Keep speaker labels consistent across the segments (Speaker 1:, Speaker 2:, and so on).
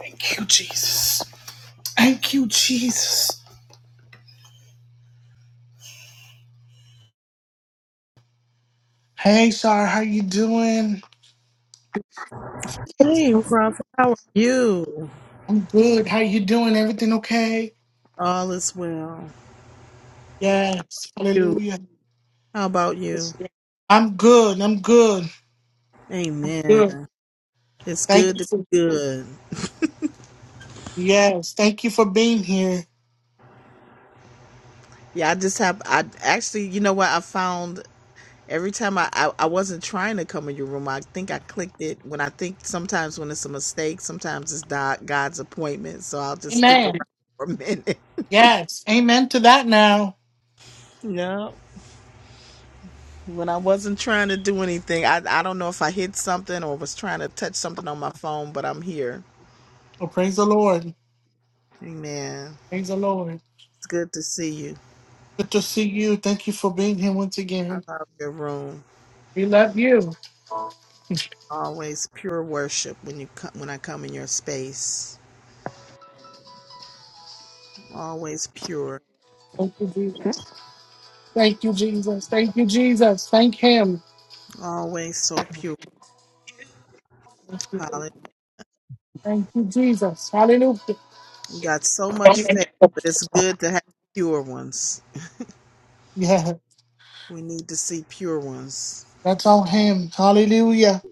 Speaker 1: Thank you, Jesus. Thank you, Jesus. Hey, Sar, how you doing?
Speaker 2: Hey, Prophet, how are you?
Speaker 1: I'm good. How you doing? Everything okay?
Speaker 2: All is well.
Speaker 1: Yes.
Speaker 2: You,
Speaker 1: Hallelujah.
Speaker 2: how about you?
Speaker 1: I'm good. I'm good. I'm good.
Speaker 2: Amen. It's
Speaker 1: Thank
Speaker 2: good
Speaker 1: you.
Speaker 2: to
Speaker 1: For,
Speaker 2: be good.
Speaker 1: yes. Thank you for being here.
Speaker 2: Yeah, I just have, I actually, you know what? I found every time I, I, I wasn't trying to come in your room, I think I clicked it when I think sometimes when it's a mistake, sometimes it's God, God's appointment. So I'll just stick around
Speaker 1: Amen.
Speaker 2: for a minute.
Speaker 1: Yes. Amen to that now.
Speaker 2: No, when I wasn't trying to do anything, I, I don't know if I hit something or was trying to touch something on my phone, but I'm here.
Speaker 1: Oh, praise the Lord.
Speaker 2: Amen.
Speaker 1: Praise the Lord.
Speaker 2: It's good to see you.
Speaker 1: Good to see you. Thank you for being here once
Speaker 2: I
Speaker 1: again.
Speaker 2: love your room.
Speaker 1: We love you.
Speaker 2: Always pure worship when you come, when I come in your space. Always pure.
Speaker 1: Thank you, Jesus. Thank you, Jesus. Thank you, Jesus. Thank Him.
Speaker 2: Always so pure. Holly.
Speaker 1: Thank you, Jesus. Hallelujah.
Speaker 2: We got so much faith, but it's good to have pure ones.
Speaker 1: Yeah,
Speaker 2: We need to see pure ones.
Speaker 1: that's on him. Hallelujah.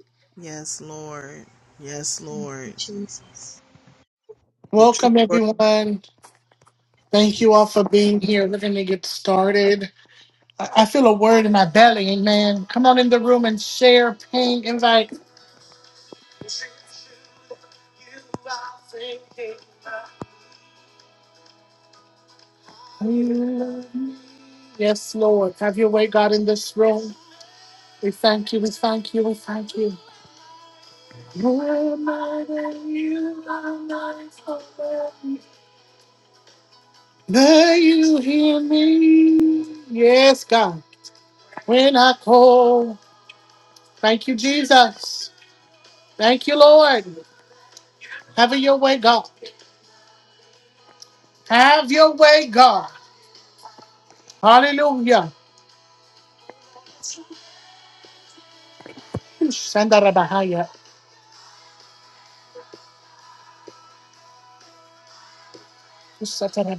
Speaker 2: Yes, Lord. Yes, Lord.
Speaker 3: Jesus.
Speaker 2: The true
Speaker 1: Welcome,
Speaker 2: worship.
Speaker 1: everyone. Thank you all for being here. We're going to get started. I I feel a word in my belly. Amen. Come on in the room and share, ping, invite. Yes, Lord. Have your way, God, in this room. We thank you. We thank you. We thank you. Lord, my God, you are my father. May you hear me. Yes, God. When I call. Thank you, Jesus. Thank you, Lord. Have your way, God. Have your way, God. Hallelujah. Shandarabahaya. Satara-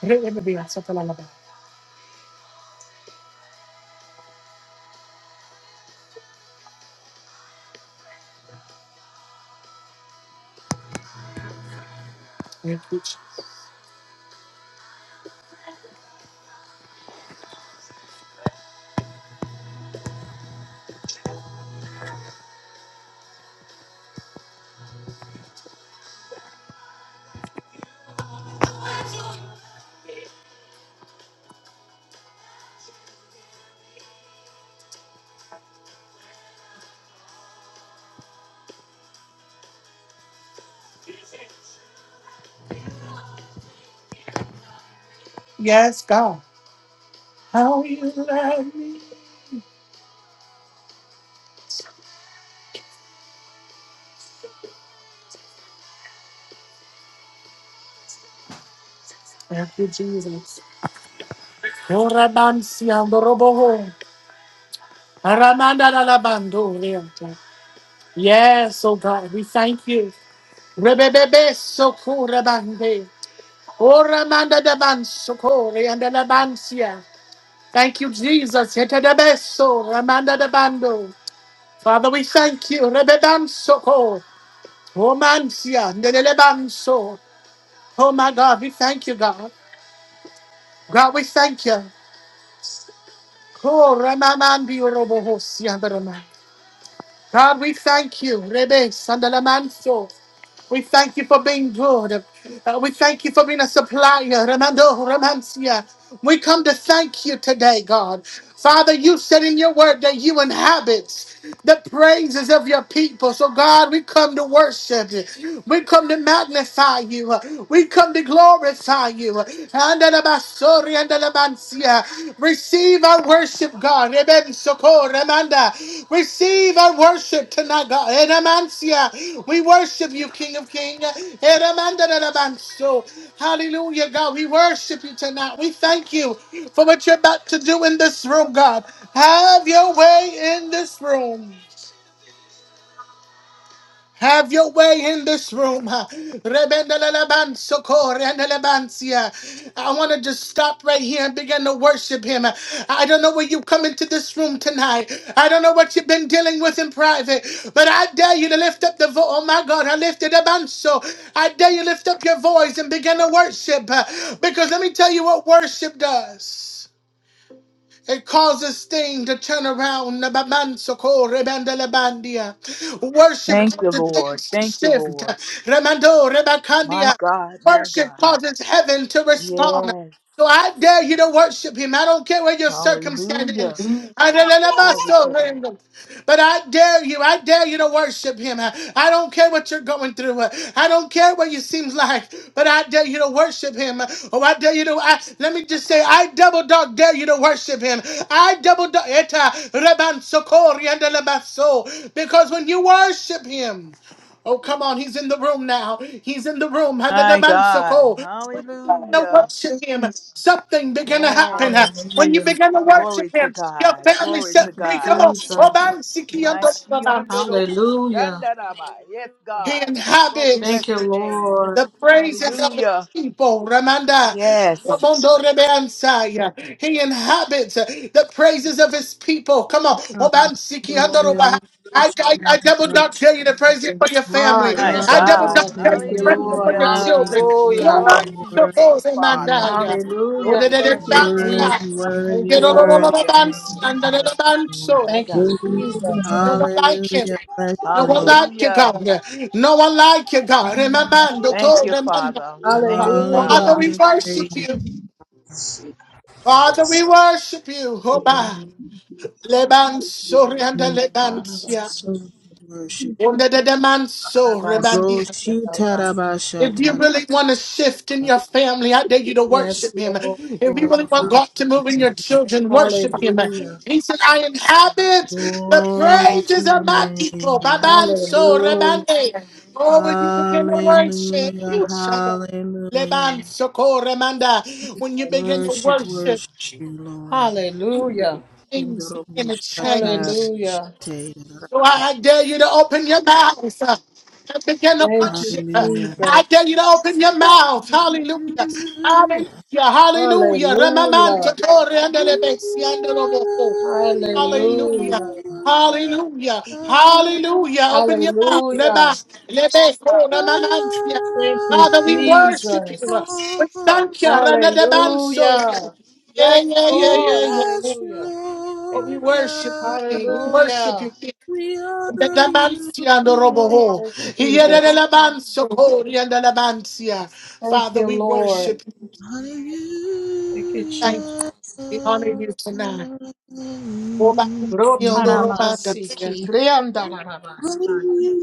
Speaker 1: Rebebea, satalalaba. Thank you, Jesus. Yes, God. How you love me. Thank you, Jesus. Yorabansiandoroboho. Aramanda la la bando reata. Yes, oh God, we thank you. Rebebebe soko rebande. O ramanda da ban soko reanda la bansia. Thank you, Jesus. Hete de beso ramanda da bando. Father, we thank you. Rebeban soko. O mansia. Ndele banso. Oh my God, we thank you, God. God, we thank you. Oh, Ramaman, be your robo host, God, we thank you. Rebe Sandalamanso. We thank you for being good. Uh, we thank you for being a supplier. Ramando Ramansia. We come to thank you today, God. Father, you said in your word that you inhabit the praises of your people. So, God, we come to worship. We come to magnify you. We come to glorify you. Receive our worship, God. Eben soko remanda. Receive our worship tonight, God. Eremansia. We worship you, King of Kings. Eremanda remanso. Hallelujah, God. We worship you tonight. We thank you for what you're about to do in this room, God. Have your way in this room. Have your way in this room. Rebendelelebansokorenelebansia. I want to just stop right here and begin to worship him. I don't know where you come into this room tonight. I don't know what you've been dealing with in private, but I dare you to lift up the voice. Oh my God, I lifted up so. I dare you lift up your voice and begin to worship. Because let me tell you what worship does. It causes things to turn around. Nababansoko, rebandalabandia. Worship
Speaker 4: Thank you,
Speaker 1: causes
Speaker 4: Lord.
Speaker 1: things to
Speaker 4: Thank you,
Speaker 1: shift.
Speaker 4: Lord.
Speaker 1: Remando,
Speaker 4: My
Speaker 1: rebakandia.
Speaker 4: God, my
Speaker 1: Worship
Speaker 4: God.
Speaker 1: causes heaven to respond.
Speaker 4: Yes.
Speaker 1: So I dare you to worship him. I don't care where your circumstance
Speaker 4: Hallelujah. Glory to God.
Speaker 1: is. But I dare you, I dare you to worship him. I don't care what you're going through. I don't care what it seems like, but I dare you to worship him. Oh, I dare you to I, let me just say, I double dog dare you to worship him. I double dog eta reban sokori and elebaso. because when you worship him, Oh, come on. He's in the room now. He's in the room
Speaker 4: My God.
Speaker 1: to
Speaker 4: Hallelujah.
Speaker 1: worship him, something began to
Speaker 4: Yes.
Speaker 1: happen. When you
Speaker 5: Hallelujah.
Speaker 1: begin to worship
Speaker 4: Glory to
Speaker 1: him, your
Speaker 4: God.
Speaker 1: family
Speaker 4: Glory
Speaker 1: set
Speaker 4: to
Speaker 5: Thank you,
Speaker 1: free. Come
Speaker 4: God.
Speaker 1: on.
Speaker 5: Jesus.
Speaker 1: Obansiki and
Speaker 4: My
Speaker 1: Obansiki.
Speaker 5: Hallelujah.
Speaker 4: Shiondodokushandaraba. Yes,
Speaker 1: He
Speaker 4: God. Lord, we
Speaker 1: inhabits
Speaker 5: Thank
Speaker 4: bless
Speaker 5: you,
Speaker 4: your name.
Speaker 5: Lord.
Speaker 1: the praises of his
Speaker 4: Hallelujah.
Speaker 1: people. Ramanda,
Speaker 4: Yes.
Speaker 1: Ramondo Rebeansaya. He inhabits uh, the praises of his people. Come on. Obansiki
Speaker 5: Thank you, Lord.
Speaker 2: Hallelujah.
Speaker 1: Andoroba.
Speaker 2: We
Speaker 1: I,
Speaker 2: praise
Speaker 1: I,
Speaker 2: you,
Speaker 1: I double
Speaker 2: Lord
Speaker 1: not tell you the praises for your
Speaker 5: Ah,
Speaker 1: family.
Speaker 4: My
Speaker 1: I
Speaker 5: yes,
Speaker 2: God.
Speaker 1: double
Speaker 4: God.
Speaker 1: not
Speaker 5: Lord.
Speaker 1: tell you
Speaker 5: Thank
Speaker 1: the
Speaker 5: you,
Speaker 2: Hallelujah.
Speaker 1: praises
Speaker 2: You're
Speaker 5: Lord.
Speaker 1: for your
Speaker 2: worthy.
Speaker 4: Hallelujah.
Speaker 1: children.
Speaker 2: You're
Speaker 5: Hallelujah.
Speaker 4: Glory
Speaker 2: worthy.
Speaker 4: to your name,
Speaker 1: Ramandobose
Speaker 2: You're
Speaker 4: Father.
Speaker 2: Worthy.
Speaker 1: Mandaya.
Speaker 4: Lord,
Speaker 5: Hallelujah.
Speaker 4: we
Speaker 5: Thank
Speaker 4: bless
Speaker 5: you,
Speaker 4: your
Speaker 2: Worthy,
Speaker 5: Jesus.
Speaker 4: name.
Speaker 5: I
Speaker 1: Odededebansa.
Speaker 5: thank
Speaker 2: worthy,
Speaker 5: you,
Speaker 4: Glory to
Speaker 2: worthy,
Speaker 5: Lord.
Speaker 4: your name.
Speaker 1: Yedodododobansi.
Speaker 2: worthy, worthy.
Speaker 1: Andadadabanso.
Speaker 4: My
Speaker 5: Thank you,
Speaker 4: God.
Speaker 5: Jesus.
Speaker 1: No one like him.
Speaker 2: Hallelujah, bless
Speaker 1: No
Speaker 2: you,
Speaker 1: one
Speaker 2: Lord.
Speaker 1: like you,
Speaker 4: Hallelujah.
Speaker 1: God. No one like you, God.
Speaker 4: Thank you,
Speaker 1: Remember,
Speaker 4: Father. Thank you,
Speaker 1: Father,
Speaker 4: Father.
Speaker 5: Hallelujah.
Speaker 1: we
Speaker 2: Hallelujah, praise
Speaker 1: worship you.
Speaker 3: Seek. Savior.
Speaker 1: Father, we worship you.
Speaker 2: you, Lord.
Speaker 1: Hoba. Leban sorianda
Speaker 2: We
Speaker 1: lebantia.
Speaker 2: Worship,
Speaker 5: Arabasu,
Speaker 2: worship.
Speaker 1: Onda de deman so
Speaker 5: arabasu,
Speaker 1: rebandia.
Speaker 2: Roshi
Speaker 5: arabasu.
Speaker 1: If
Speaker 2: tarabasha
Speaker 1: you
Speaker 2: taraba.
Speaker 1: really want to shift in your family, I dare you to
Speaker 5: Yes,
Speaker 1: worship him.
Speaker 5: Lord.
Speaker 1: If
Speaker 5: Thank
Speaker 1: you
Speaker 5: you,
Speaker 1: really
Speaker 2: Oh,
Speaker 1: want
Speaker 5: Jesus.
Speaker 1: God to move in
Speaker 2: hallelujah,
Speaker 1: your
Speaker 2: bless
Speaker 1: children,
Speaker 2: your
Speaker 1: worship
Speaker 2: name.
Speaker 1: him.
Speaker 5: Hallelujah.
Speaker 1: He said, I inhabit the
Speaker 2: Glory to
Speaker 1: praises of
Speaker 2: your
Speaker 1: my people.
Speaker 2: name, Lord.
Speaker 1: Baban so
Speaker 5: Hallelujah.
Speaker 1: rebande. Oh, when you begin to worship,
Speaker 2: Hallelujah,
Speaker 1: you shall-
Speaker 2: hallelujah.
Speaker 1: Leban so remanda. When you begin to
Speaker 2: Worship,
Speaker 1: worship.
Speaker 2: worship you, Lord.
Speaker 5: Hallelujah.
Speaker 1: things in a
Speaker 2: Indorobushatar
Speaker 1: change.
Speaker 5: Hallelujah.
Speaker 1: So I dare you to open your mouth uh, and begin to
Speaker 5: Thank you,
Speaker 1: worship. uh,
Speaker 2: Hallelujah.
Speaker 1: I
Speaker 5: Jesus.
Speaker 1: dare you to open your mouth. Hallelujah.
Speaker 2: Hallelujah.
Speaker 1: Hallelujah. Hallelujah.
Speaker 5: Hallelujah.
Speaker 1: Ramamanto tore andele
Speaker 2: You
Speaker 1: besi andelo bofo.
Speaker 2: are the
Speaker 1: Hallelujah.
Speaker 5: Hallelujah.
Speaker 2: Lord God.
Speaker 1: Hallelujah.
Speaker 2: I
Speaker 1: Hallelujah. Open your mouth. Reba.
Speaker 5: Hallelujah.
Speaker 1: Lebe. Oh,
Speaker 5: Thank you,
Speaker 1: Father, we
Speaker 2: worship you,
Speaker 1: worship you.
Speaker 5: Jesus.
Speaker 1: We thank you.
Speaker 2: Lord.
Speaker 1: Rana de banso.
Speaker 5: Hallelujah.
Speaker 1: Yeah,
Speaker 5: Yes,
Speaker 1: yeah,
Speaker 2: We
Speaker 1: yeah,
Speaker 5: Lord.
Speaker 1: yeah, yeah.
Speaker 2: bless you,
Speaker 5: Hallelujah.
Speaker 1: Oh, we
Speaker 2: Lord
Speaker 1: worship you, King. We
Speaker 2: God.
Speaker 1: worship you,
Speaker 5: Hallelujah.
Speaker 1: King.
Speaker 2: We
Speaker 1: The
Speaker 2: honor you,
Speaker 1: Damantia and the Roboho.
Speaker 5: Thank you,
Speaker 1: he Here the
Speaker 2: Lord.
Speaker 5: Jesus.
Speaker 1: Labanso, Hori and the Labantia.
Speaker 5: Thank
Speaker 1: Father,
Speaker 5: you,
Speaker 1: we worship
Speaker 5: Lord.
Speaker 1: you.
Speaker 5: Thank you,
Speaker 1: Thank
Speaker 5: Jesus.
Speaker 2: Hallelujah.
Speaker 1: you. We honor you tonight.
Speaker 2: Hallelujah.
Speaker 1: Obantia and the Robantia.
Speaker 5: Rotarabasiki, riandarabasai,
Speaker 2: Hallelujah.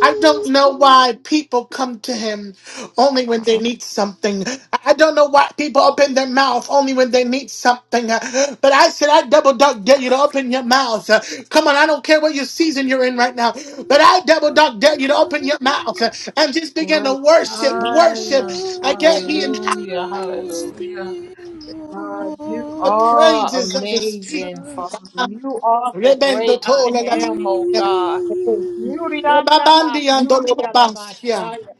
Speaker 1: I don't know why people come to him only when they need something. I don't know why people open their mouth only when they need something. But I said, I double dog dare you to open your mouth. Come on, I don't care what your season you're in right now. But I double dog dare you to open your mouth and just begin to worship,
Speaker 2: You
Speaker 1: worship.
Speaker 5: urekaya.
Speaker 2: are
Speaker 1: Again, he inhabits
Speaker 5: Hallelujah.
Speaker 2: the
Speaker 5: Hallelujah. God, you
Speaker 1: the
Speaker 2: Lord.
Speaker 5: are
Speaker 1: praises of his people.
Speaker 5: amazing, Father. You are the great
Speaker 1: Rebendo
Speaker 5: I
Speaker 1: tole la-
Speaker 5: am, oh God.
Speaker 2: Hallelujah.
Speaker 5: Yurianda basuriada
Speaker 1: Rababandia,
Speaker 5: bashaya.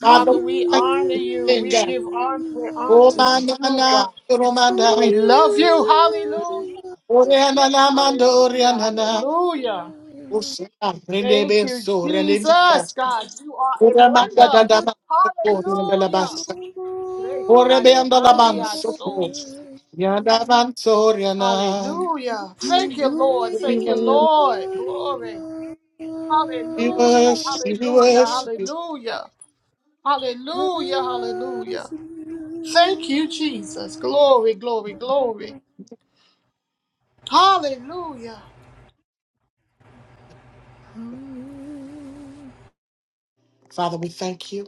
Speaker 1: Father,
Speaker 5: Father,
Speaker 1: we
Speaker 5: we
Speaker 1: thank
Speaker 5: honor
Speaker 1: you.
Speaker 5: you. We
Speaker 1: Venga.
Speaker 5: give honor where honor
Speaker 1: Oh,
Speaker 5: is
Speaker 2: Hallelujah.
Speaker 5: due,
Speaker 1: manana,
Speaker 5: God. We
Speaker 1: romandai.
Speaker 2: Hallelujah.
Speaker 5: love you. Hallelujah.
Speaker 1: Oh, renana, mando,
Speaker 5: Hallelujah.
Speaker 1: renana.
Speaker 5: Hallelujah.
Speaker 1: Oh, sana, rende
Speaker 5: Thank you,
Speaker 1: beso, rende bina.
Speaker 5: Jesus. God, you are
Speaker 1: Oh,
Speaker 5: a
Speaker 1: remanda, da,
Speaker 5: wonder.
Speaker 1: da, ma, so, oh,
Speaker 2: Yes,
Speaker 1: rende la
Speaker 5: Hallelujah.
Speaker 1: basa. Oh,
Speaker 2: glory and
Speaker 5: Reshaya
Speaker 1: rebendo la
Speaker 5: mandia
Speaker 1: manso,
Speaker 5: so.
Speaker 2: honor.
Speaker 1: yanda manso, renana.
Speaker 5: Hallelujah.
Speaker 2: You're
Speaker 5: Thank you, Lord.
Speaker 2: great
Speaker 1: We
Speaker 5: Thank you,
Speaker 2: and
Speaker 1: worship,
Speaker 5: Lord.
Speaker 2: mighty
Speaker 5: Glory.
Speaker 2: God.
Speaker 1: we
Speaker 5: Hallelujah.
Speaker 1: worship, we
Speaker 5: Hallelujah.
Speaker 1: worship. you.
Speaker 5: Hallelujah.
Speaker 2: I
Speaker 5: Hallelujah. Hallelujah.
Speaker 2: worship you.
Speaker 5: Thank you, Jesus. Glory, glory, glory. Hallelujah.
Speaker 2: Hallelujah.
Speaker 1: Father, we thank you.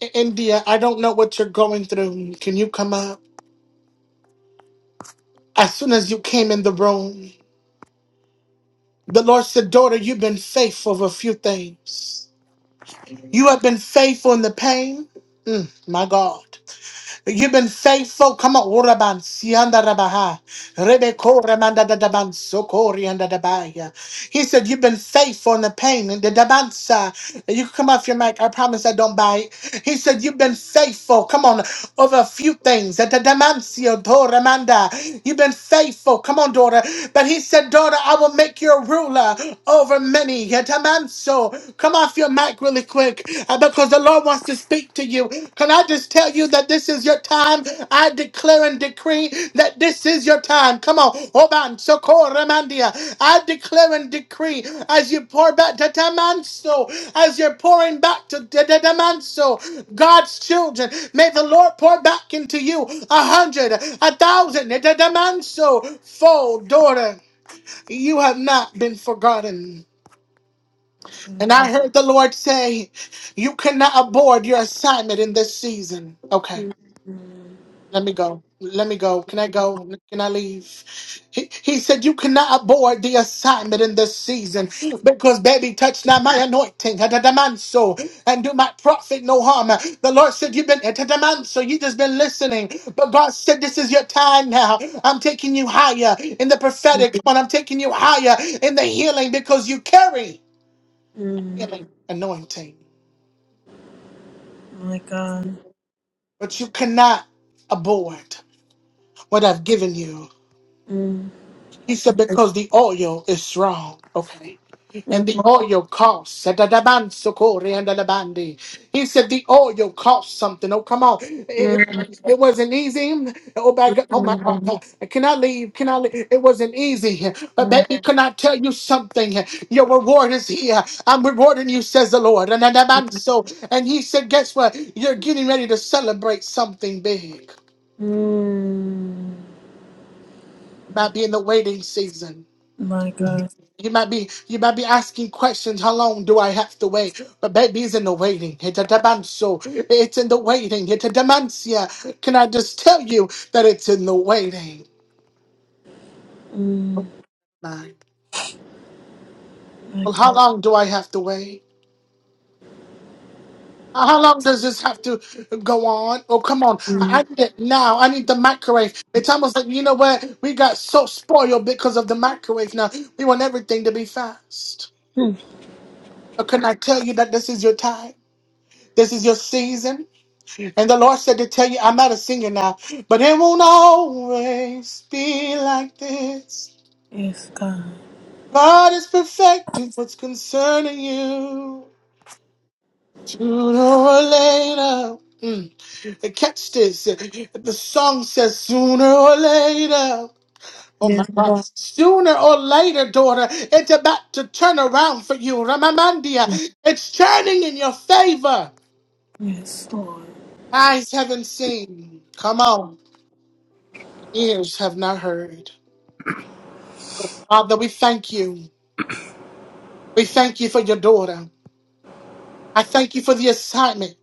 Speaker 1: I- India, I don't know what you're going through. Can you come out? As soon as you came in the room, The Lord said, Daughter, you've been faithful of a few things. You have been faithful in the pain. Mm, my God. You've been faithful. Come on, Uraban, Sianda Rabaha, Rebeko Ramanda Dadaban, Sokori and Dadabaya. He said, You've been faithful in the pain and the Dabansa. You can come off your mic. I promise I don't bite. He said, You've been faithful. Come on, over a few things. At the Damancio, Ramanda. You've been faithful. Come on, daughter. But he said, Daughter, I will make you a ruler over many. Yet a man so come off your mic really quick uh, because the Lord wants to speak to you. Can I just tell you that this is your time. I declare and decree that this is your time. Come on. Oban, Sokor, Ramandia. I declare and decree as you pour back to Tamanso, as you're pouring back to Tamanso, God's children. May the Lord pour back into you a hundred, a thousand, Tamanso, fold, daughter. You have not been forgotten.
Speaker 6: Mm,
Speaker 1: And I heard the Lord say, You cannot abort your assignment in this season. Okay.
Speaker 6: mm, mm.
Speaker 1: Let me go. Let me go. Can I go? Can I leave? He, he said, You cannot abort the assignment in this season because, baby, touch not my anointing atadamanso, and do my prophet no harm. The Lord said, You've been atadamanso, you just been listening. But God said, This is your time now. I'm taking you higher in the
Speaker 6: mm,
Speaker 1: prophetic. Come on, I'm taking you higher in the healing because you carry
Speaker 6: mm.
Speaker 1: healing anointing,
Speaker 6: My God.
Speaker 1: but you cannot abort what I've given you.
Speaker 6: Mm,
Speaker 1: He said, because the oil is strong. Okay.
Speaker 6: mm,
Speaker 1: And the oil costs. Sadadaban sokori and alabandi. He said the oil costs something. Oh, come on.
Speaker 6: mm,
Speaker 1: It, it wasn't easy. Oh my God. Oh my
Speaker 6: mm,
Speaker 1: God. Can I leave? Can I leave? It wasn't easy. But
Speaker 6: mm,
Speaker 1: baby, can I tell you something? Your reward is here. I'm rewarding you, says the Lord. And adaban so- and he said, guess what? You're getting ready to celebrate something big.
Speaker 6: mm.
Speaker 1: Might be in the waiting season.
Speaker 6: My God.
Speaker 1: You might be you might be asking questions. How long do I have to wait? But baby's in the waiting. It's a demand, so it's in the waiting. It's a dementia. Can I just tell you that it's in the waiting?
Speaker 6: Mm, mm.
Speaker 1: Mind.
Speaker 6: My
Speaker 1: Well, how
Speaker 6: God.
Speaker 1: long do I have to wait? How long does this have to go on? Oh, come on. I I
Speaker 6: Mm,
Speaker 1: need it now. I need the microwave. It's almost like, you know what? We got so spoiled because of the microwave now. We want everything to be fast.
Speaker 6: mm.
Speaker 1: But can I tell you that this is your time? This is your season. And the Lord said to tell you, I'm not a singer now, but it won't always be like this.
Speaker 6: Yes, God.
Speaker 1: God is perfecting what's concerning you. Sooner or later. Mm. And Catch this. The song says, sooner or later. Oh my
Speaker 6: Yes,
Speaker 1: God.
Speaker 6: God.
Speaker 1: Sooner or later, daughter, it's about to turn around for you. Ramamandia.
Speaker 6: Yes,
Speaker 1: It's turning in your favor.
Speaker 6: yes, Lord.
Speaker 1: Eyes haven't seen. Come on. Ears have not heard. Father, we thank you. We thank you for your daughter. I thank you for the assignment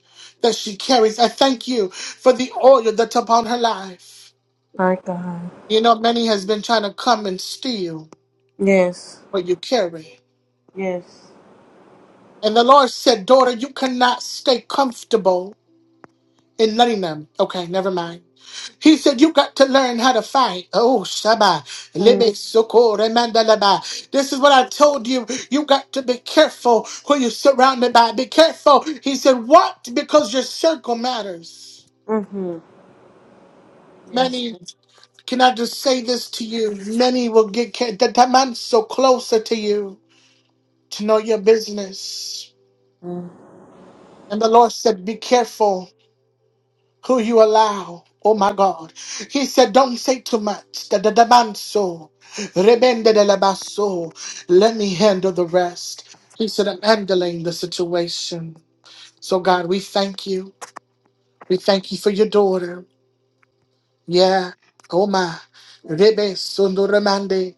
Speaker 1: that she carries. I thank you for the oil that's upon her life.
Speaker 6: My God.
Speaker 1: You know, many has been trying to come and steal
Speaker 6: Yes.
Speaker 1: what you carry.
Speaker 6: Yes.
Speaker 1: And the Lord said, Daughter, you cannot stay comfortable in letting them. Okay, never mind. He said, You got to learn how to fight. Oh, Shabba.
Speaker 6: Mm,
Speaker 1: Lebe soko remanda laba. This is what I told you. You got to be careful who you're surrounded by. Be careful. He said, What? Because your circle matters.
Speaker 6: mm-hmm. Yes.
Speaker 1: Many, can I just say this to you? Many will get ca- that that man so closer to you to know your business.
Speaker 6: Mm.
Speaker 1: And the Lord said, Be careful. who you allow. Oh my God. He said, don't say too much. Da da da manso. Rebende de la basso. Let me handle the rest. He said, I'm handling the situation. So God, we thank you. We thank you for your daughter. Yeah. Oh my. Rebe sunduramande.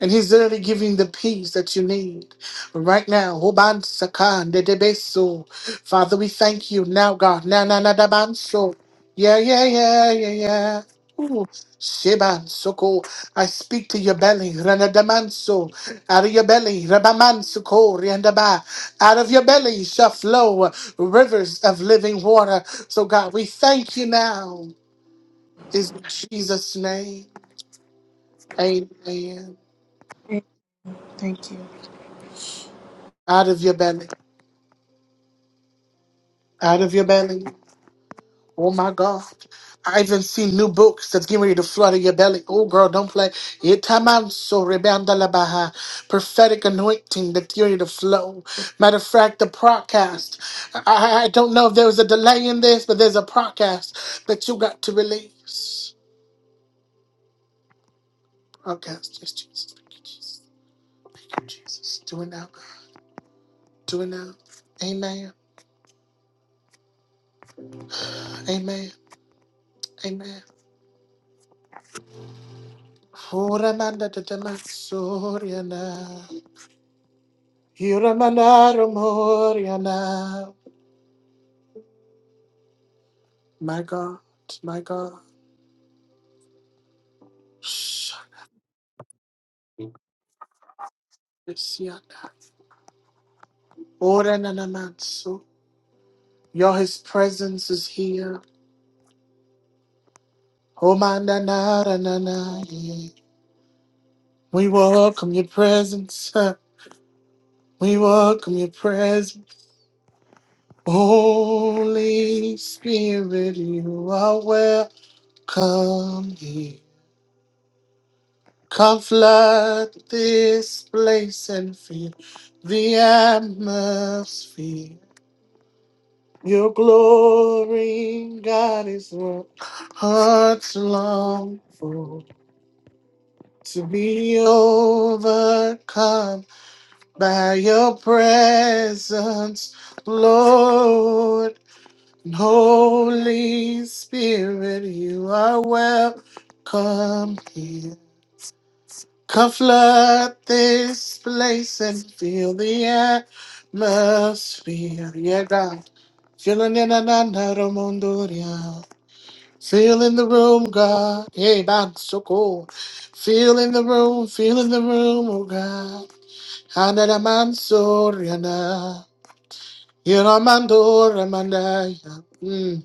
Speaker 1: And he's literally giving the peace that you need right now. Hoban sakan de debeso. Father, we thank you now, God. Na na na da banso. Yeah, yeah, yeah, yeah, yeah. Ooh. Sheban soko. I speak to your belly. Ranadamanso. Out of your belly. Rabamansoko. Riandaba. Out of your belly shall flow rivers of living water. So, God, we thank you now. Is in Jesus' name. Amen.
Speaker 6: Thank you.
Speaker 1: Out of your belly. Out of your belly. Oh my God. I even see new books that's getting ready to flood in your belly. Oh girl, don't play. Itamanso rebandalabaha. Prophetic anointing that's getting ready to flow. Matter of fact, the podcast. I, I I don't know if there was a delay in this, but there's a podcast that you got to release. Podcast. Yes, Jesus. Thank you, Jesus. Jesus. Do it now. Do it now. Amen. Amen. Amen. Huramanda Tamaksuriana. Hiramanaramoriana. My God, my God. Shakisiana. Orananamatsu. Yo, his presence is here. Homandanaranaye. We welcome your presence. huh. We welcome your presence. Holy Spirit, you are welcome here. Come flood this place and fill the atmosphere. Your glory, God, is what hearts long for. To be overcome by your presence, Lord. And Holy Spirit, you are welcome here. Come flood this place and feel the atmosphere. Yeah, God. Feeling in another munduria. Feel in the room, God. Hey, that's so cool. Feel in the room, feel in the room, oh God. Another man, Soriana. You're a man, Dora, Mandaya. Mm.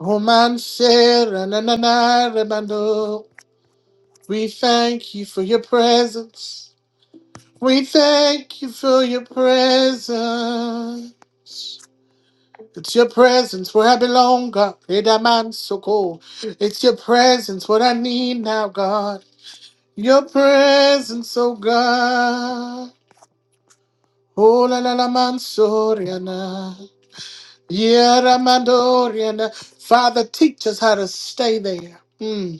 Speaker 1: Oh, man, Sarah, na, na, na, Remando. We thank you for your presence. We thank you for your presence. It's your presence where I belong, God. Hey, that man's so cool. It's your presence what I need now, God. Your presence, oh God. Oh la la la man soriana. Yeah, Ramandoriana. Father, teach us how to stay there. Hmm.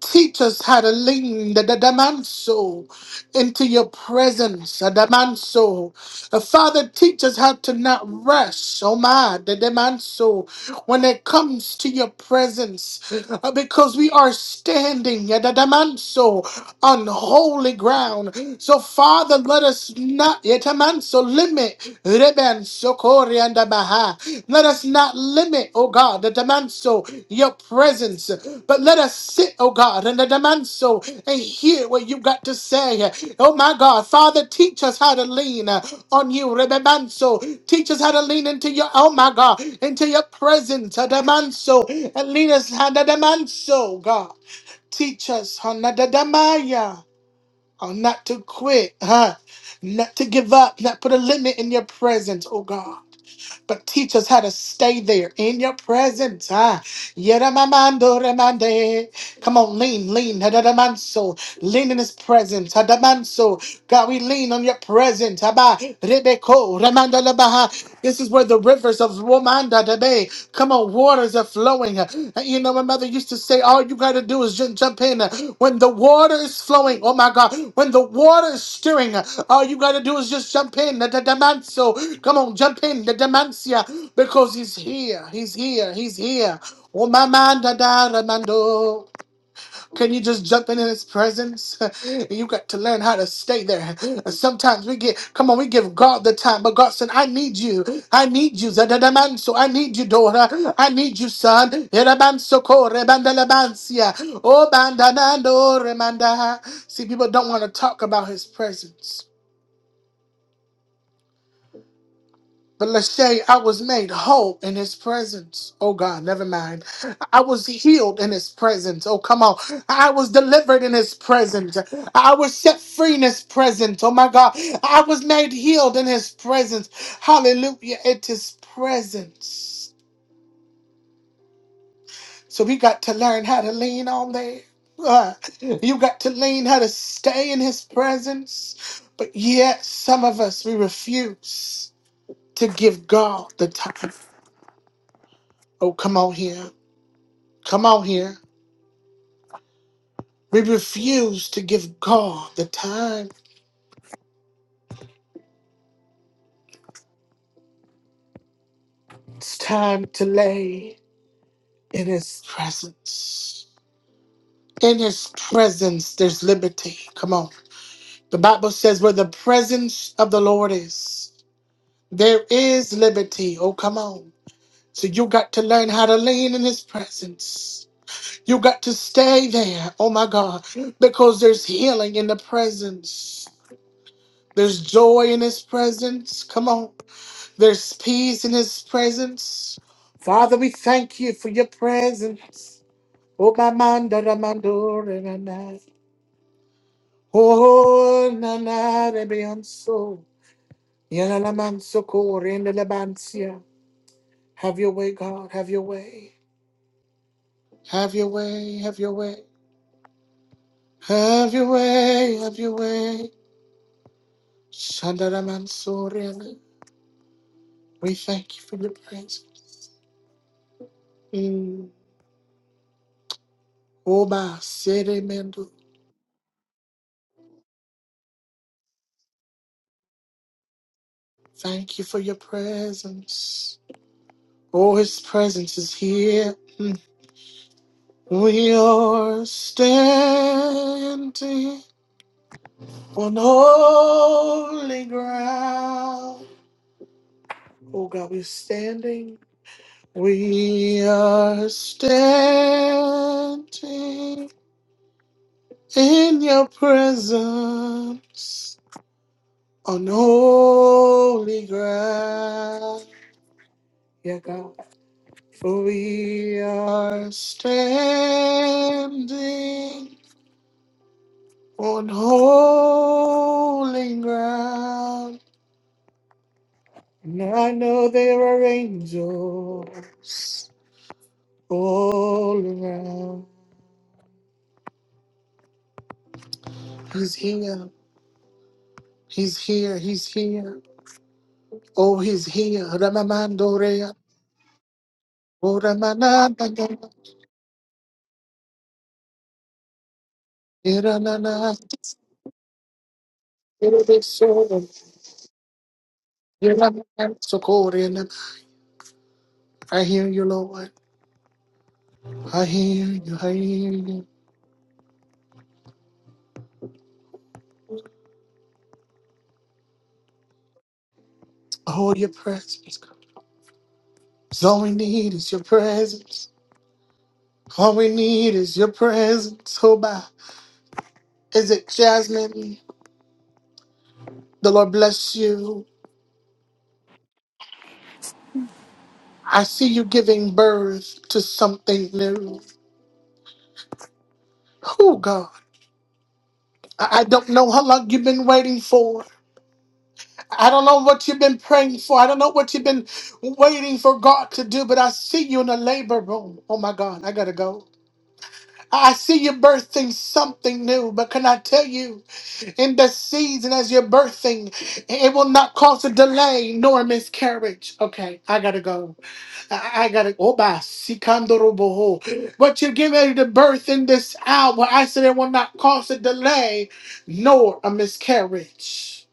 Speaker 1: Teach us how to lean the, the, the man soul into your presence, uh, the man soul. Uh, Father, teach us how to not rush, oh my, the, the man soul, when it comes to your presence, uh, because we are standing, uh, the, the man soul, on holy ground. So, Father, let us not, yet a man soul, limit, Reben, Sokori, and Abaha. let us not limit, oh God, the, the man soul, your presence, but let let us sit, oh God, in the demanso and hear what you've got to say. Oh my God, Father, teach us how to lean uh, on you, rebemanso. Teach us how to lean into your, oh my God, into your presence, uh, demanso, and lead us, uh, the demanso, God. Teach us, uh, na- da- da- maya, uh, not to quit, huh? not to give up, not put a limit in your presence, oh God. But teach us how to stay there in your presence. Ah, Yeramamando remande. Come on, lean, lean. Hadamanso. Lean in his presence. Hadamanso. God, we lean on your presence. Haba. Rebeko. Ramanda labaha. This is where the rivers of Womanda today. Come on, waters are flowing. You know, my mother used to say, all you gotta do is just jump in. When the water is flowing, oh my God, when the water is stirring, all you gotta do is just jump in. Hadamanso. Come on, jump in. Hadamansia. Because he's here. He's here. He's here. Oh, my man, da, da, ramando. Can you just jump in in his presence? you got to learn how to stay there. Sometimes we get, come on, we give God the time, but God said, I need you. I need you. So I need you, daughter. I need you, son. Yerebanso ko rebandelebansia. Oh, bandanando remanda. See, people don't want to talk about his presence. But Lachey, I was made whole in his presence. Oh God, never mind. I was healed in his presence. Oh, come on. I was delivered in his presence. I was set free in his presence. Oh my God. I was made healed in his presence. Hallelujah. It is presence. So we got to learn how to lean on there. Ah, You got to lean how to stay in his presence. But yet, some of us, we refuse to give God the time. Oh, come on here. Come on here. We refuse to give God the time. It's time to lay in His presence. In His presence, there's liberty. Come on. The Bible says, where the presence of the Lord is, there is liberty. Oh, come on. So you got to learn how to lean in His presence. You got to stay there. Oh, my God. Because there's healing in the presence, there's joy in His presence. Come on. There's peace in his presence. Father, we thank you for your presence. Oh, my man, da da man, do, re, na, na. Oh, na na, re, be, on, so. Ya, la, la, man, so, ko, re, na, la, ban, si, ya. Have your way, God. Have your way. Have your way. Have your way. Have your way. Have your way. Shanda, da, man, so, re, na. We thank you for your presence. Mm. Oh, my, se, re, mendo. Thank you for your presence. Oh, his presence is here. Mm. We are standing on holy ground. Oh, God, we're standing. We are standing in your presence on holy ground. Yeah, God. We are standing on holy ground, and I know there are angels all around. He's here, he's here, he's here. Oh, he's here. Ramamandorea, oh, Ramanandandana, Iranana, Irabiso, Iramansokoreana. I hear you, Lord. I hear you, I hear you. Oh, your presence. God. 'Cause All we need is your presence. All we need is your presence. Oh, my. Is it Jasmine? The Lord bless you. I see you giving birth to something new. Oh, God. I I don't know how long you've been waiting for. I don't know what you've been praying for. I don't know what you've been waiting for God to do, but I see you in the labor room. Oh, my God. I got to go. I see you birthing something new, but can I tell you? in the season as you're birthing. It will not cause a delay nor a miscarriage. Okay, I gotta go. I, I gotta go. What you're getting ready to birth in this hour, I said it will not cause a delay nor a miscarriage.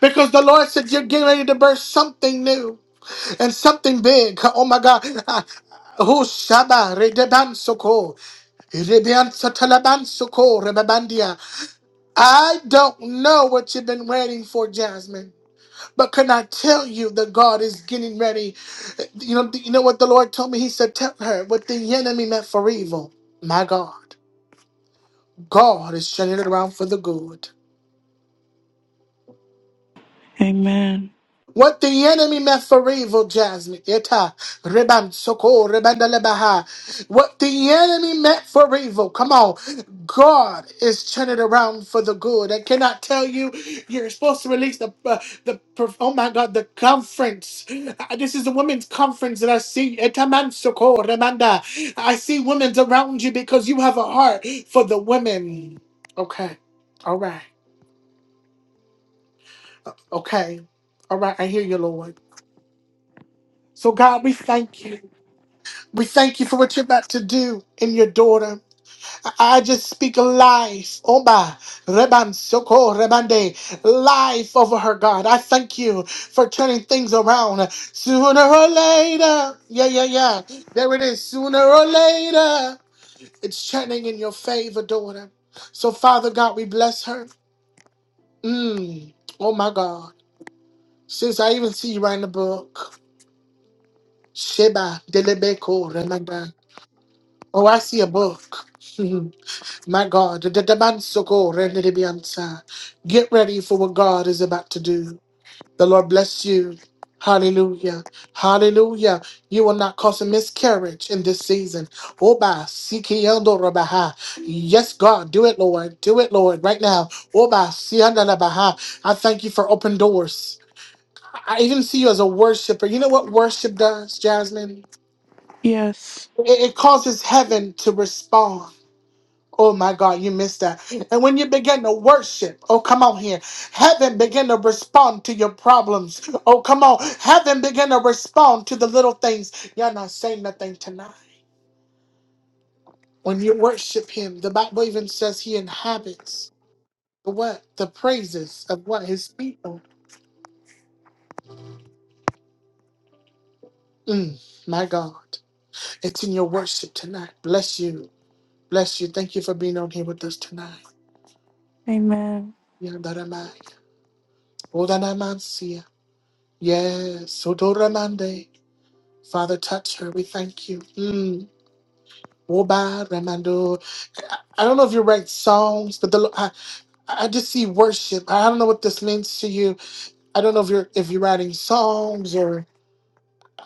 Speaker 1: Because the Lord said you're getting ready to birth something new and something big. Oh my God. Ah, Who shaba redebansoko rebeansatalabansoko rebabandia. I don't know what you've been waiting for, Jasmine, but can I tell you that God is getting ready? You know, you know what the Lord told me? He said, Tell her what the enemy meant for evil. My God, God is turning it around for the good.
Speaker 7: Amen.
Speaker 1: What the enemy meant for evil, Jasmine. Eta, reban, soko, rebandelebaha. What the enemy meant for evil. Come on. God is turning around for the good. I cannot tell you. You're supposed to release the, uh, the per- oh my God, the conference. Uh, This is a women's conference that I see. Eta man soko, rebanda. I see women's around you because you have a heart for the women. Okay. All right. Okay. All right. I hear you, Lord. So, God, we thank you. We thank you for what you're about to do in your daughter. I I just speak life. Oba, Reban Soko, Rebande, life over her, God. I thank you for turning things around sooner or later. Yeah, yeah, yeah. There it is. Sooner or later, it's turning in your favor, daughter. So, Father God, we bless her. Mm. Oh, my God. Since I even see you writing a book, Sheba, Delebeko, Remanda. Oh, I see a book. My God, the demand socorre and the rendibiansa. Get ready for what God is about to do. The Lord bless you. Hallelujah. Hallelujah. You will not cause a miscarriage in this season. Oba sikiendo rabaha. Yes, God, do it, Lord. Do it, Lord, right now. Oba sianda rabaha. I thank you for open doors. I I even see you as a worshiper. You know what worship does, Jasmine?
Speaker 7: Yes.
Speaker 1: It it causes heaven to respond. Oh my God, you missed that. And when you begin to worship, oh come on here, heaven begin to respond to your problems. Oh come on, heaven begin to respond to the little things. You're not saying nothing tonight. When you worship Him, the Bible even says He inhabits the what the praises of what His people. Mm, my God, it's in your worship tonight. Bless you, bless you. Thank you for being on here with us tonight.
Speaker 7: Amen.
Speaker 1: Yandaramai. Odanamancia. Yes, Odoramande. Father, touch her. We thank you. Mm. Woba, Ramando. I I don't know if you write songs, but the, Lo- I, I just see worship. I don't know what this means to you. I don't know if you're if you're writing songs or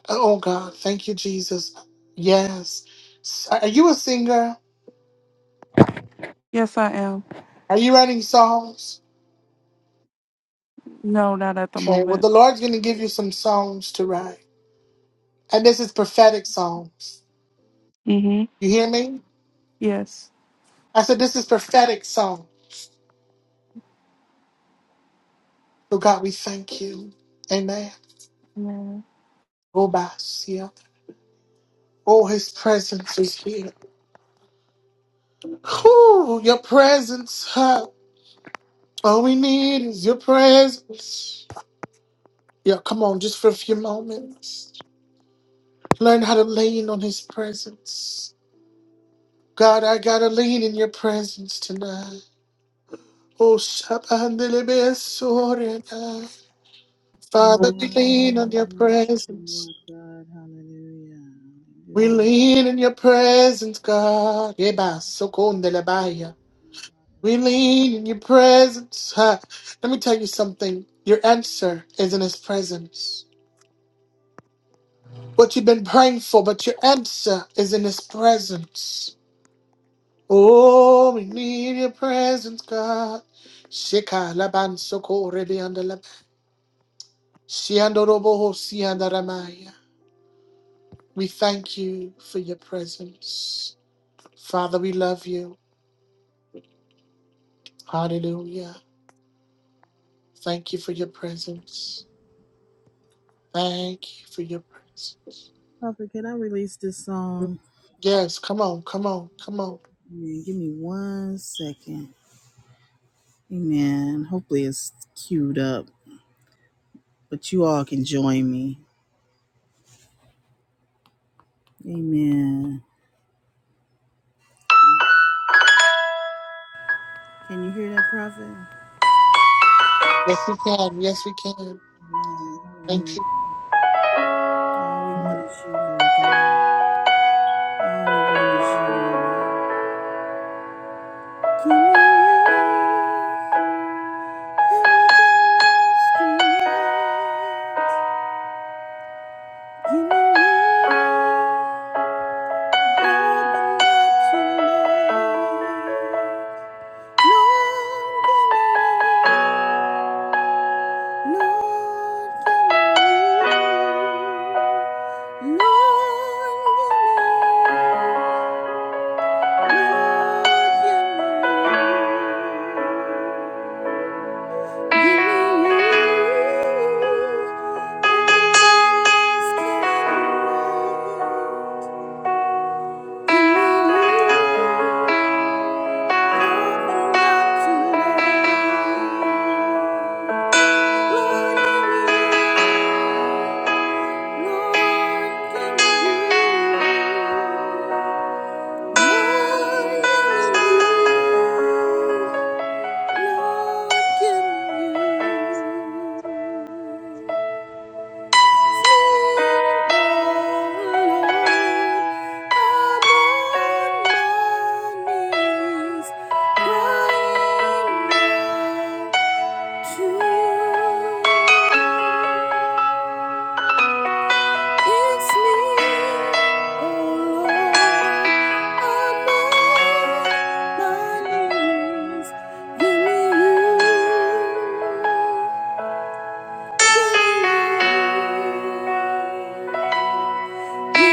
Speaker 1: oh God, thank you, Jesus. Yes. Are you a singer?
Speaker 7: Yes, I am.
Speaker 1: Are you writing songs?
Speaker 7: No, not at the
Speaker 1: Okay, well
Speaker 7: moment.
Speaker 1: the Lord's gonna give you some songs to write. And this is prophetic songs.
Speaker 7: Mm-hmm.
Speaker 1: You hear me?
Speaker 7: Yes.
Speaker 1: I said this is prophetic song. So God, we thank you. Amen.
Speaker 7: Amen.
Speaker 1: Woba, Oh, his presence is here. Whew, your presence. Huh? All we need is your presence. Yeah, come on, just for a few moments. Learn how to lean on his presence. God, I gotta lean in your presence tonight. Oh, Shabandelebesorena. Father, we lean
Speaker 2: Hallelujah.
Speaker 1: on your
Speaker 2: Worship you, Lord
Speaker 1: presence.
Speaker 2: God. Hallelujah.
Speaker 1: We
Speaker 2: Hallelujah.
Speaker 1: lean in your presence, God. Yeba, Sokondelebaya. We lean in your presence. Huh. Let me tell you something. Your answer is in his presence. What you've been praying for, but your answer is in his presence. Oh, we need your presence, God. Shika laban soko rebi anda lab- Shiando robo ho sianda ramaya. We thank you for your presence. Father, we love you. Hallelujah. Thank you for your presence. Thank you for your presence.
Speaker 2: Prophet, can I release this song?
Speaker 1: Yes, come on, come on, come on.
Speaker 2: Amen. Give me one second. Amen. Hopefully it's queued up, but you all can join me. Amen. Can you hear that, Prophet?
Speaker 1: Yes, we can. Yes, we can. Thank
Speaker 2: Amen. Hallelujah. All we want
Speaker 1: you.
Speaker 2: is you, Lord God. All we want is you, Lord. Give me everything else tonight. You knew then that you lived. Lord, you knew. Lord, you knew. Lord, you knew. You knew. You knew. Thank you. Thank you. Lord,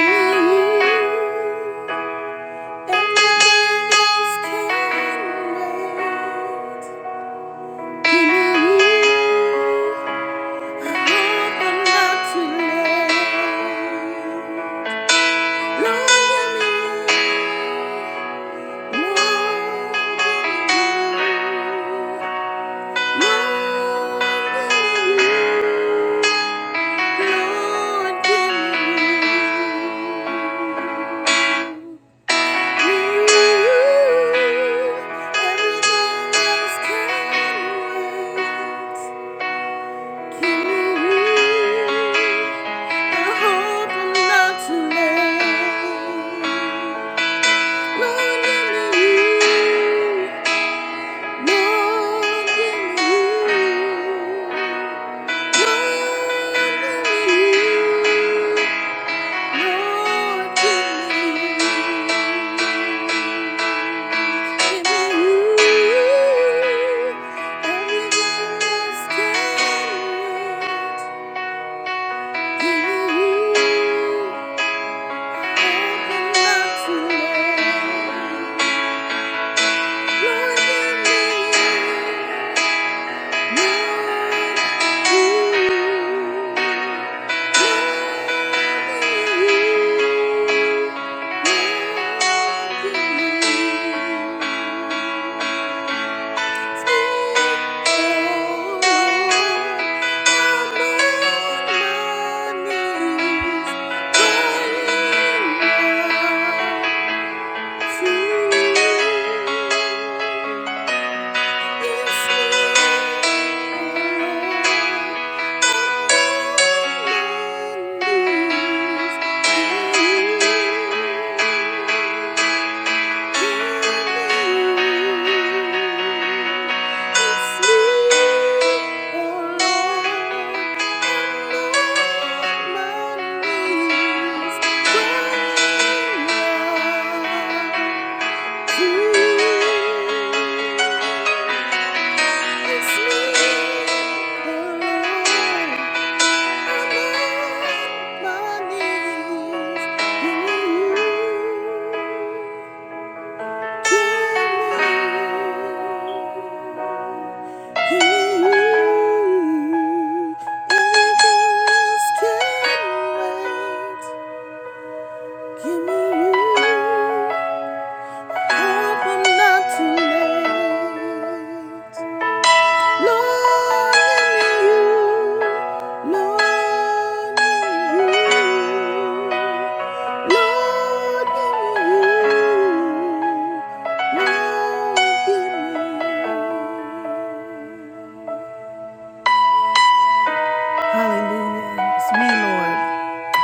Speaker 2: give me you. Thank you. Lord, give me, give me you, everything that's good. Give me you. Thank you. Thank you. Thank you Give me you. Hope I'm not too late. Longing you, longing you, longing you. Hallelujah. It's me, Lord.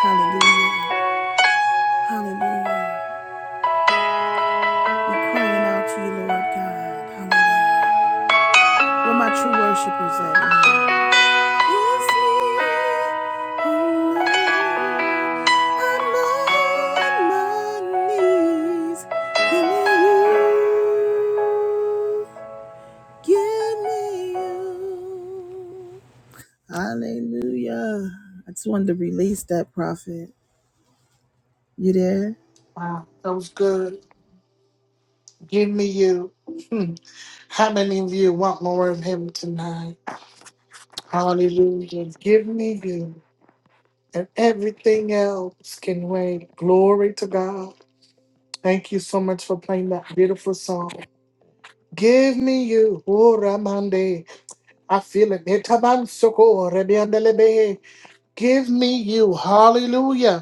Speaker 2: Hallelujah. Hallelujah. We're crying out to you, Lord God. Hallelujah. Where my true worshipers at? Hallelujah. I just wanted to release that prophet. You there?
Speaker 1: Wow, that was good. Give me you. Hmm. How many of you want more of him tonight? Hallelujah. Give me you. And everything else can wait. Glory to God. Thank you so much for playing that beautiful song. Give me you. Oh, Ramande. I feel it. Etaban soko, rebiandelebe. Give me you. Hallelujah.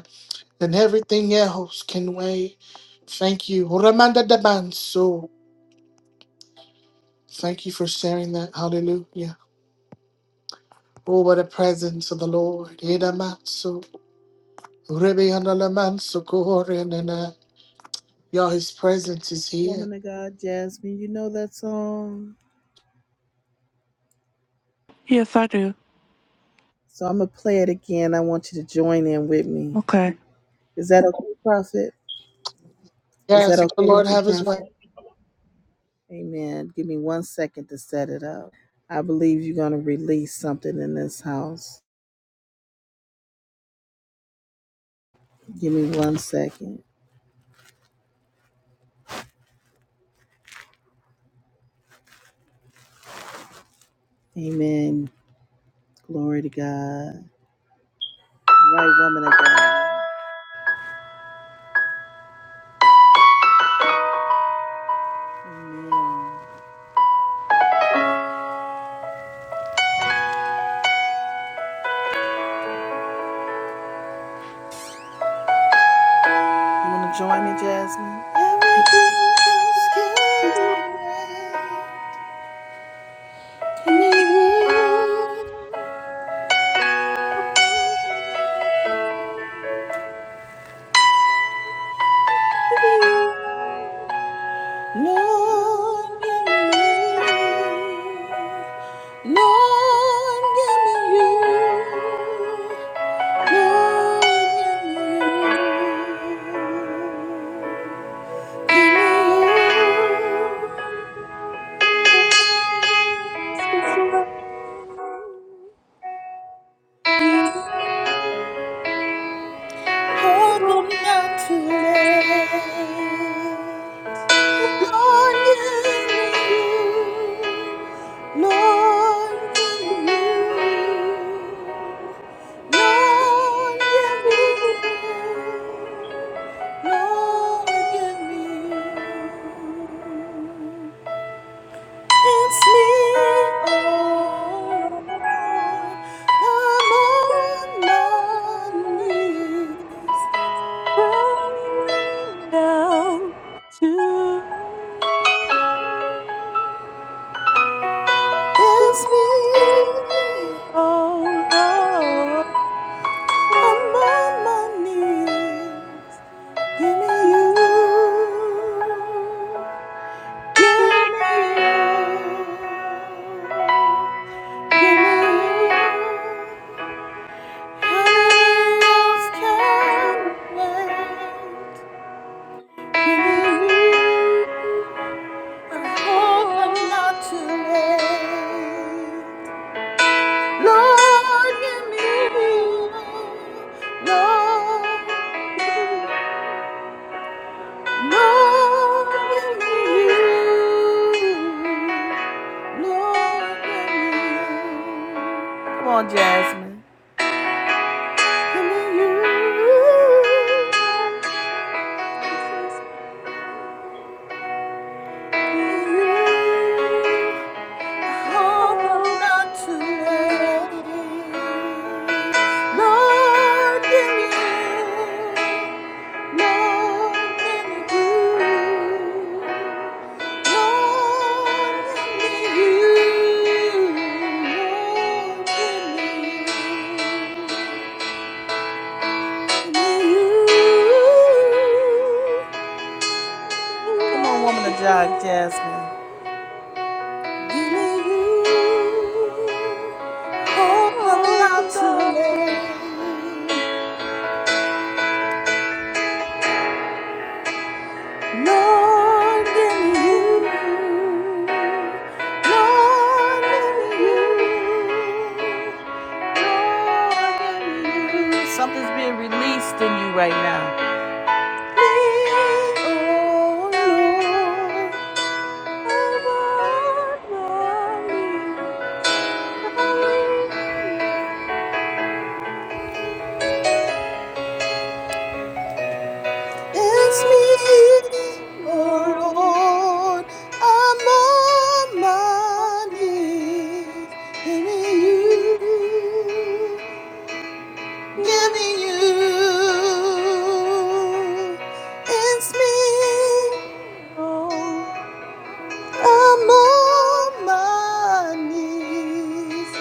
Speaker 1: and everything else can wait. Thank you. Ramanda Dabanso. Thank you for sharing that. Hallelujah. Oh, what a presence of the Lord. Edamatsu. Rebeandalamansu korenana. Y'all, his presence is here.
Speaker 2: Woman of God, Jasmine, you know that song?
Speaker 7: Yes, I do.
Speaker 2: So I'm going to play it again. I want you to join in with me.
Speaker 7: Okay.
Speaker 2: Is that okay, prophet? Is that
Speaker 1: Yes, the
Speaker 2: okay with
Speaker 1: Lord
Speaker 2: you,
Speaker 1: have his way.
Speaker 2: prophet? Amen. Give me one second to set it up. I believe you're going to release something in this house. Give me one second. Amen. Glory to God. All right, woman of God. You want to join me, Jasmine? Everything else can wait. Give me room, Lord, give me room. Lord, give me you. Hold on not to let Lord, you, Lord, you, Lord, you, Lord, you. It's me, oh
Speaker 7: I'm
Speaker 2: Lord. I'm on my knees.
Speaker 7: Crying now to you.
Speaker 2: It's me,
Speaker 7: Yes, me oh Lord,
Speaker 2: I'm on my
Speaker 7: I
Speaker 2: knees.
Speaker 7: need
Speaker 2: Give me you.
Speaker 7: you. You.
Speaker 2: Give me you. Give me you.
Speaker 7: I ask for grace. Give
Speaker 2: Come on, Jasmine. Give me you.
Speaker 7: you. Oh, that's the way.
Speaker 2: Lord, in you,
Speaker 7: Everything
Speaker 2: Lord, in you, Lord, in you, Lord, in you. Come on,
Speaker 7: else
Speaker 2: woman of
Speaker 7: was
Speaker 2: God, Jasmine. Give me you.
Speaker 7: you. I'm
Speaker 2: Hope I'm
Speaker 7: all
Speaker 2: not
Speaker 7: for
Speaker 2: too
Speaker 7: that
Speaker 2: late.
Speaker 7: today. It's
Speaker 2: Lord, give me you. Lord, give me you. Something's being released in you right now. It's
Speaker 7: me,
Speaker 2: me, oh
Speaker 7: oh
Speaker 2: Lord,
Speaker 7: Lord.
Speaker 2: I'm on my knees. Give me
Speaker 7: Give
Speaker 2: you,
Speaker 7: you.
Speaker 2: give me
Speaker 7: Give
Speaker 2: you. It's me,
Speaker 7: you. Oh Lord,
Speaker 2: I'm
Speaker 7: I'm
Speaker 2: on my knees.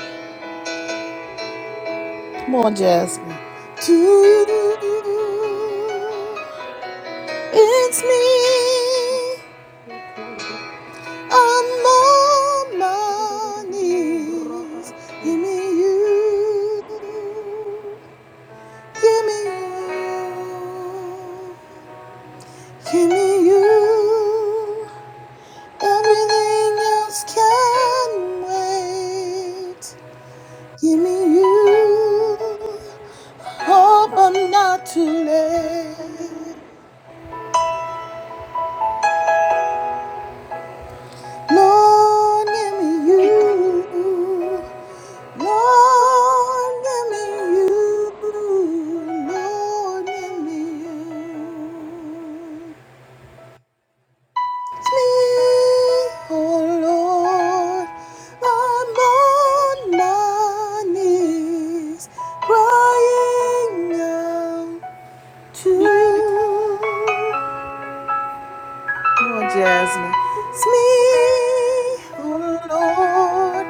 Speaker 2: Come on, Jasmine. To you, it's me.
Speaker 7: on
Speaker 2: I'm on my
Speaker 7: my
Speaker 2: knees. give me you,
Speaker 7: life.
Speaker 2: give me you, give me you. Everything else can wait. Give me you. Hope I'm not too late. Lord, give me you. Lord, give me you, Lord, give me you. It's me, oh Lord, I'm on my knees, crying out to you. Come Jasmine. It's me, oh Lord.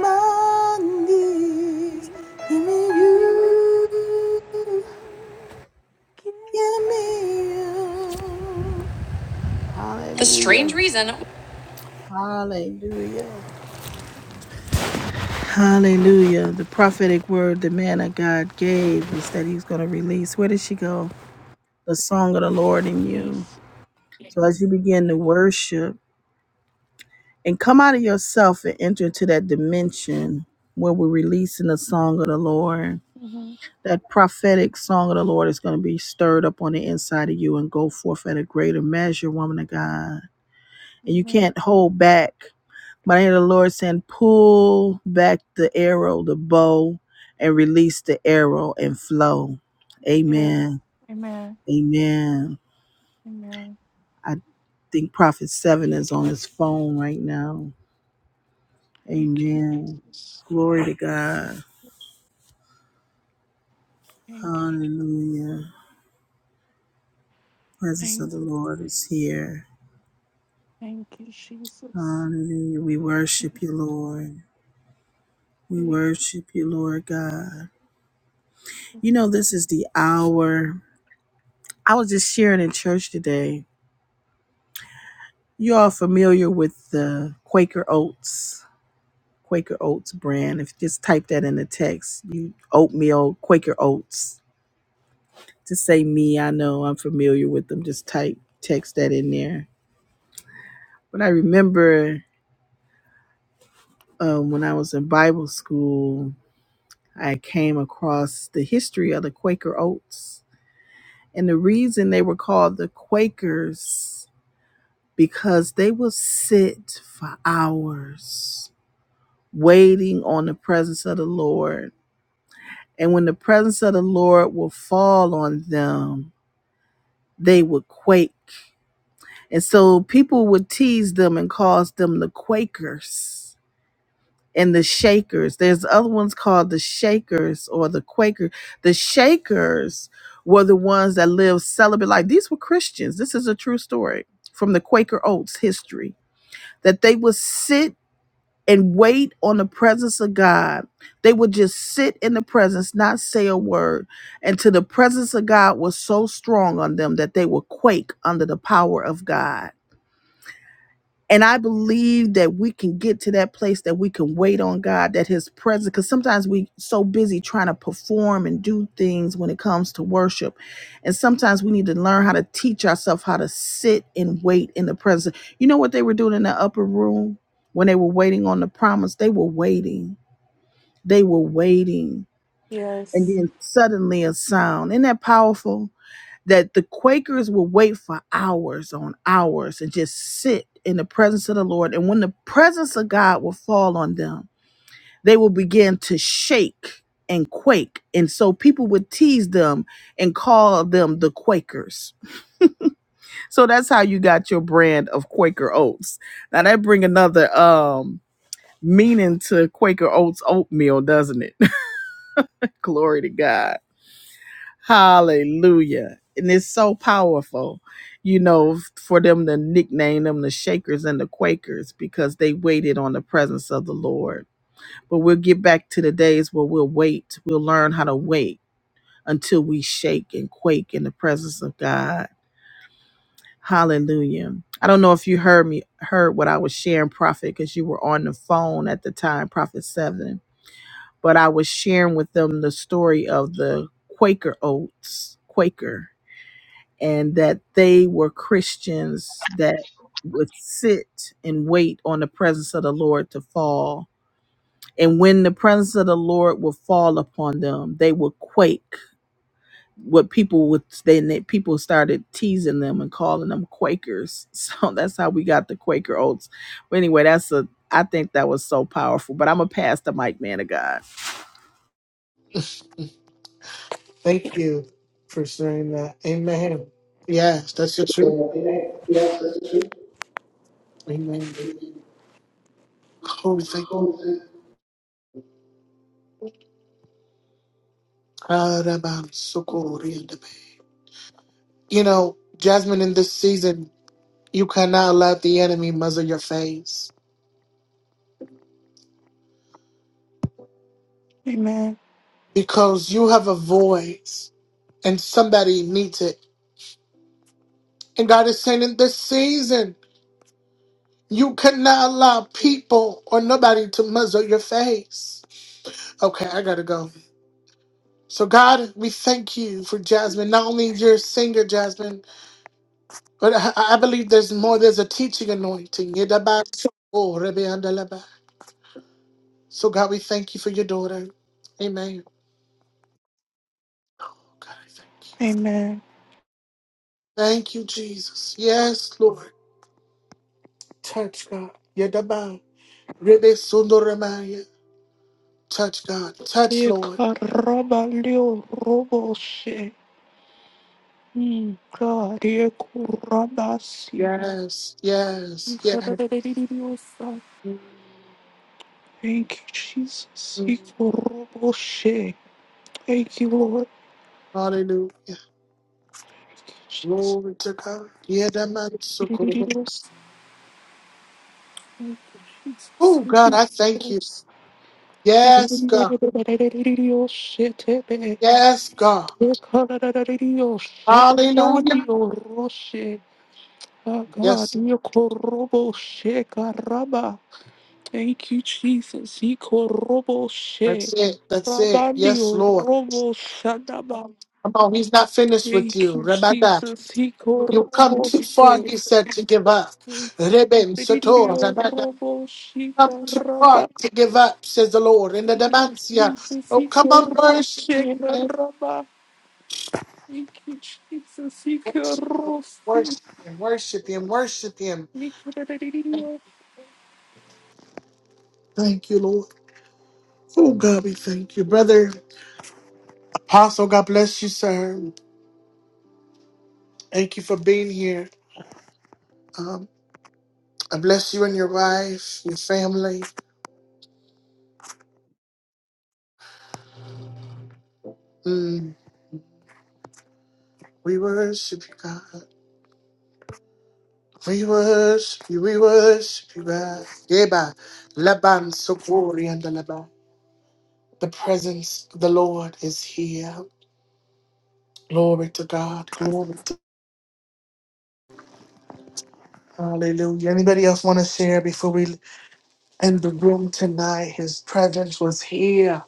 Speaker 2: I'm on my knees. Give me you. Give me you. The strange Hallelujah, reason. Hallelujah. Hallelujah. The prophetic word the man of God gave is that he's going to release. Where did she go? The song of the Lord in you.
Speaker 7: Yes.
Speaker 2: So as you begin to worship, and come out of yourself and enter into that dimension where we're releasing the song of the Lord.
Speaker 7: hmm
Speaker 2: That prophetic song of the Lord is going to be stirred up on the inside of you and go forth at a greater measure, woman of God. And you
Speaker 7: Amen.
Speaker 2: can't hold back. But I hear the Lord saying, pull back the arrow, the bow, and release the arrow and flow.
Speaker 7: Yeah.
Speaker 2: Amen.
Speaker 7: Amen.
Speaker 2: Amen.
Speaker 7: Amen.
Speaker 2: I think Prophet Seven is on his phone right now.
Speaker 7: Thank you,
Speaker 2: Amen.
Speaker 7: Jesus.
Speaker 2: Glory to God.
Speaker 7: Thank you.
Speaker 2: Hallelujah. Presence
Speaker 7: Thank
Speaker 2: of the
Speaker 7: you.
Speaker 2: Lord is here.
Speaker 7: Thank you, Jesus.
Speaker 2: Hallelujah. We worship you, Lord. We
Speaker 7: Thank
Speaker 2: worship you, Lord God. You know,
Speaker 7: you.
Speaker 2: this is the hour. I was just sharing in church today. You all familiar with the Quaker Oats, Quaker Oats brand. If you just type that in the text, you oatmeal, Quaker Oats. To say me, I know I'm familiar with them. Just type, text that in there. But I remember um, when I was in Bible school, I came across the history of the Quaker oats. And the reason they were called the Quakers because they would sit for hours waiting on the presence of the Lord. And when the presence of the Lord will fall on them, they would quake. And so people would tease them and call them the Quakers and the Shakers. There's other ones called the Shakers or the Quaker. The Shakers were the ones that lived celibate. Like these were Christians. This is a true story from the Quaker Oats history that they would sit and wait on the presence of God. They would just sit in the presence, not say a word, until the presence of God was so strong on them that they would quake under the power of God and I believe that we can get to that place that we can wait on God, that His presence, because sometimes we so busy trying to perform and do things when it comes to worship. And sometimes we need to learn how to teach ourselves how to sit and wait in the presence. You know what they were doing in the upper room when they were waiting on the promise? They were waiting. They were waiting. And
Speaker 7: Yes.
Speaker 2: then suddenly a sound. Isn't that powerful? that the Quakers will wait for hours on hours and just sit in the presence of the Lord. And when the presence of God will fall on them, they will begin to shake and quake. And so people would tease them and call them the Quakers. So that's how you got your brand of Quaker oats. Now that bring another um meaning to Quaker oats oatmeal, doesn't it? Glory to God. Hallelujah. And it's so powerful, you know, for them to nickname them the Shakers and the Quakers because they waited on the presence of the Lord. But we'll get back to the days where we'll wait. We'll learn how to wait until we shake and quake in the presence of God. Hallelujah. I don't know if you heard me, heard what I was sharing, Prophet, because you were on the phone at the time, Prophet 7. But I was sharing with them the story of the Quaker oats, Quaker. and that they were Christians that would sit and wait on the presence of the Lord to fall. And when the presence of the Lord would fall upon them, they would quake. What people would then they- people started teasing them and calling them Quakers. So that's how we got the Quaker oats. But anyway, that's a I think that was so powerful. But I'm gonna pass the mic, man of God.
Speaker 1: Thank you for sharing that. Amen. Yes, that's your truth.
Speaker 8: Saying that they may be access to access the
Speaker 1: Amen. Oh, thank you. Arabansu korenana. You know, Jasmine, in this season, You cannot let the enemy muzzle your face
Speaker 7: Amen.
Speaker 1: because you have a voice and somebody needs it. And God is saying in this season, you cannot allow people or nobody to muzzle your face. Okay, I gotta go. So, God, we thank you for Jasmine. Not only your singer, Jasmine, but I, I believe there's more. There's a teaching anointing. Yedabak- Oh, Rebbe Andalaba. So, God, we thank you for your daughter. Amen. Oh, God, I thank you.
Speaker 7: Amen.
Speaker 1: Thank you, Jesus. Yes, Lord. Touch God. Yadabai. Rebe Sundaramaya. Touch God. Touch Lord.
Speaker 7: Yekarabalio roboshe. Mm, God, yekurabasi.
Speaker 1: Yes, yes, yes.
Speaker 7: Yekarabeliosa. Thank you, Jesus. Yekuroboshe. Thank you, Lord.
Speaker 1: Hallelujah.
Speaker 7: Thank
Speaker 1: Glory to God.
Speaker 7: you,
Speaker 1: Yadamansuko.
Speaker 7: Jesus. Yekuroboshe. Thank you, Jesus.
Speaker 1: Oh God, I thank you. Yes, God.
Speaker 7: Yekarabeliosetebe.
Speaker 1: Yes, God. Hallelujah.
Speaker 7: Yekarabeliosetabalioroshe. Oh God,
Speaker 1: Yes.
Speaker 7: Yokorobo Shekaraba. Thank you, Jesus. Yokorobo
Speaker 1: That's
Speaker 7: She.
Speaker 1: it. That's it. Yes,
Speaker 7: Rabandio
Speaker 1: Lord.
Speaker 7: Robo Shadaba.
Speaker 1: Come on, he's not finished with you.
Speaker 7: Thank you,
Speaker 1: Rabada.
Speaker 7: Jesus.
Speaker 1: You come
Speaker 7: Yokorobo
Speaker 1: too far,
Speaker 7: She.
Speaker 1: he said, to give up. Rebem
Speaker 7: Thank
Speaker 1: Sotor, Amanda,
Speaker 7: Robo
Speaker 1: come too far
Speaker 7: Shekaraba.
Speaker 1: to give up, says the Lord. In the Demancia,
Speaker 7: Jesus,
Speaker 1: oh, come on,
Speaker 7: Yokorobo
Speaker 1: worship him, man.
Speaker 7: Shekaraba. Thank you, Jesus.
Speaker 1: Worship him,
Speaker 7: Yokorobo She.
Speaker 1: worship him, worship him, worship him. Thank you, Lord. Oh, God, we thank you. Brother Apostle, God bless you, sir. Thank you for being here. Um, I bless you and your wife, your family. Mm, we worship you, God. We worship you, we worship you, God. Yeba, Laban, Sokori, and the Laban. The presence of the Lord is here. Glory to God. Glory to Hallelujah. Anybody else want to share before we end the room tonight? His presence was here.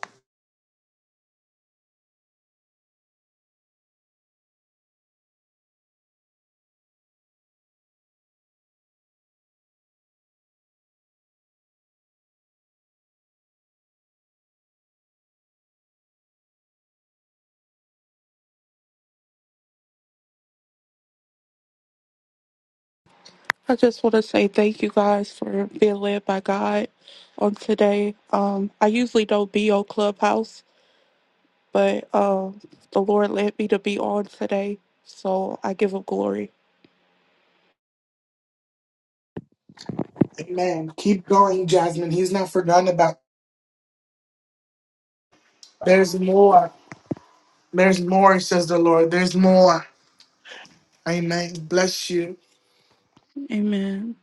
Speaker 7: I just want to say thank you guys for being led by God on today. Um, I usually don't be on Clubhouse, but um, the Lord led me to be on today, so I give Him glory.
Speaker 1: Amen. Keep going, Jasmine. He's not forgotten about. There's more. There's more, says the Lord. There's more. Amen. Bless you.
Speaker 7: Amen.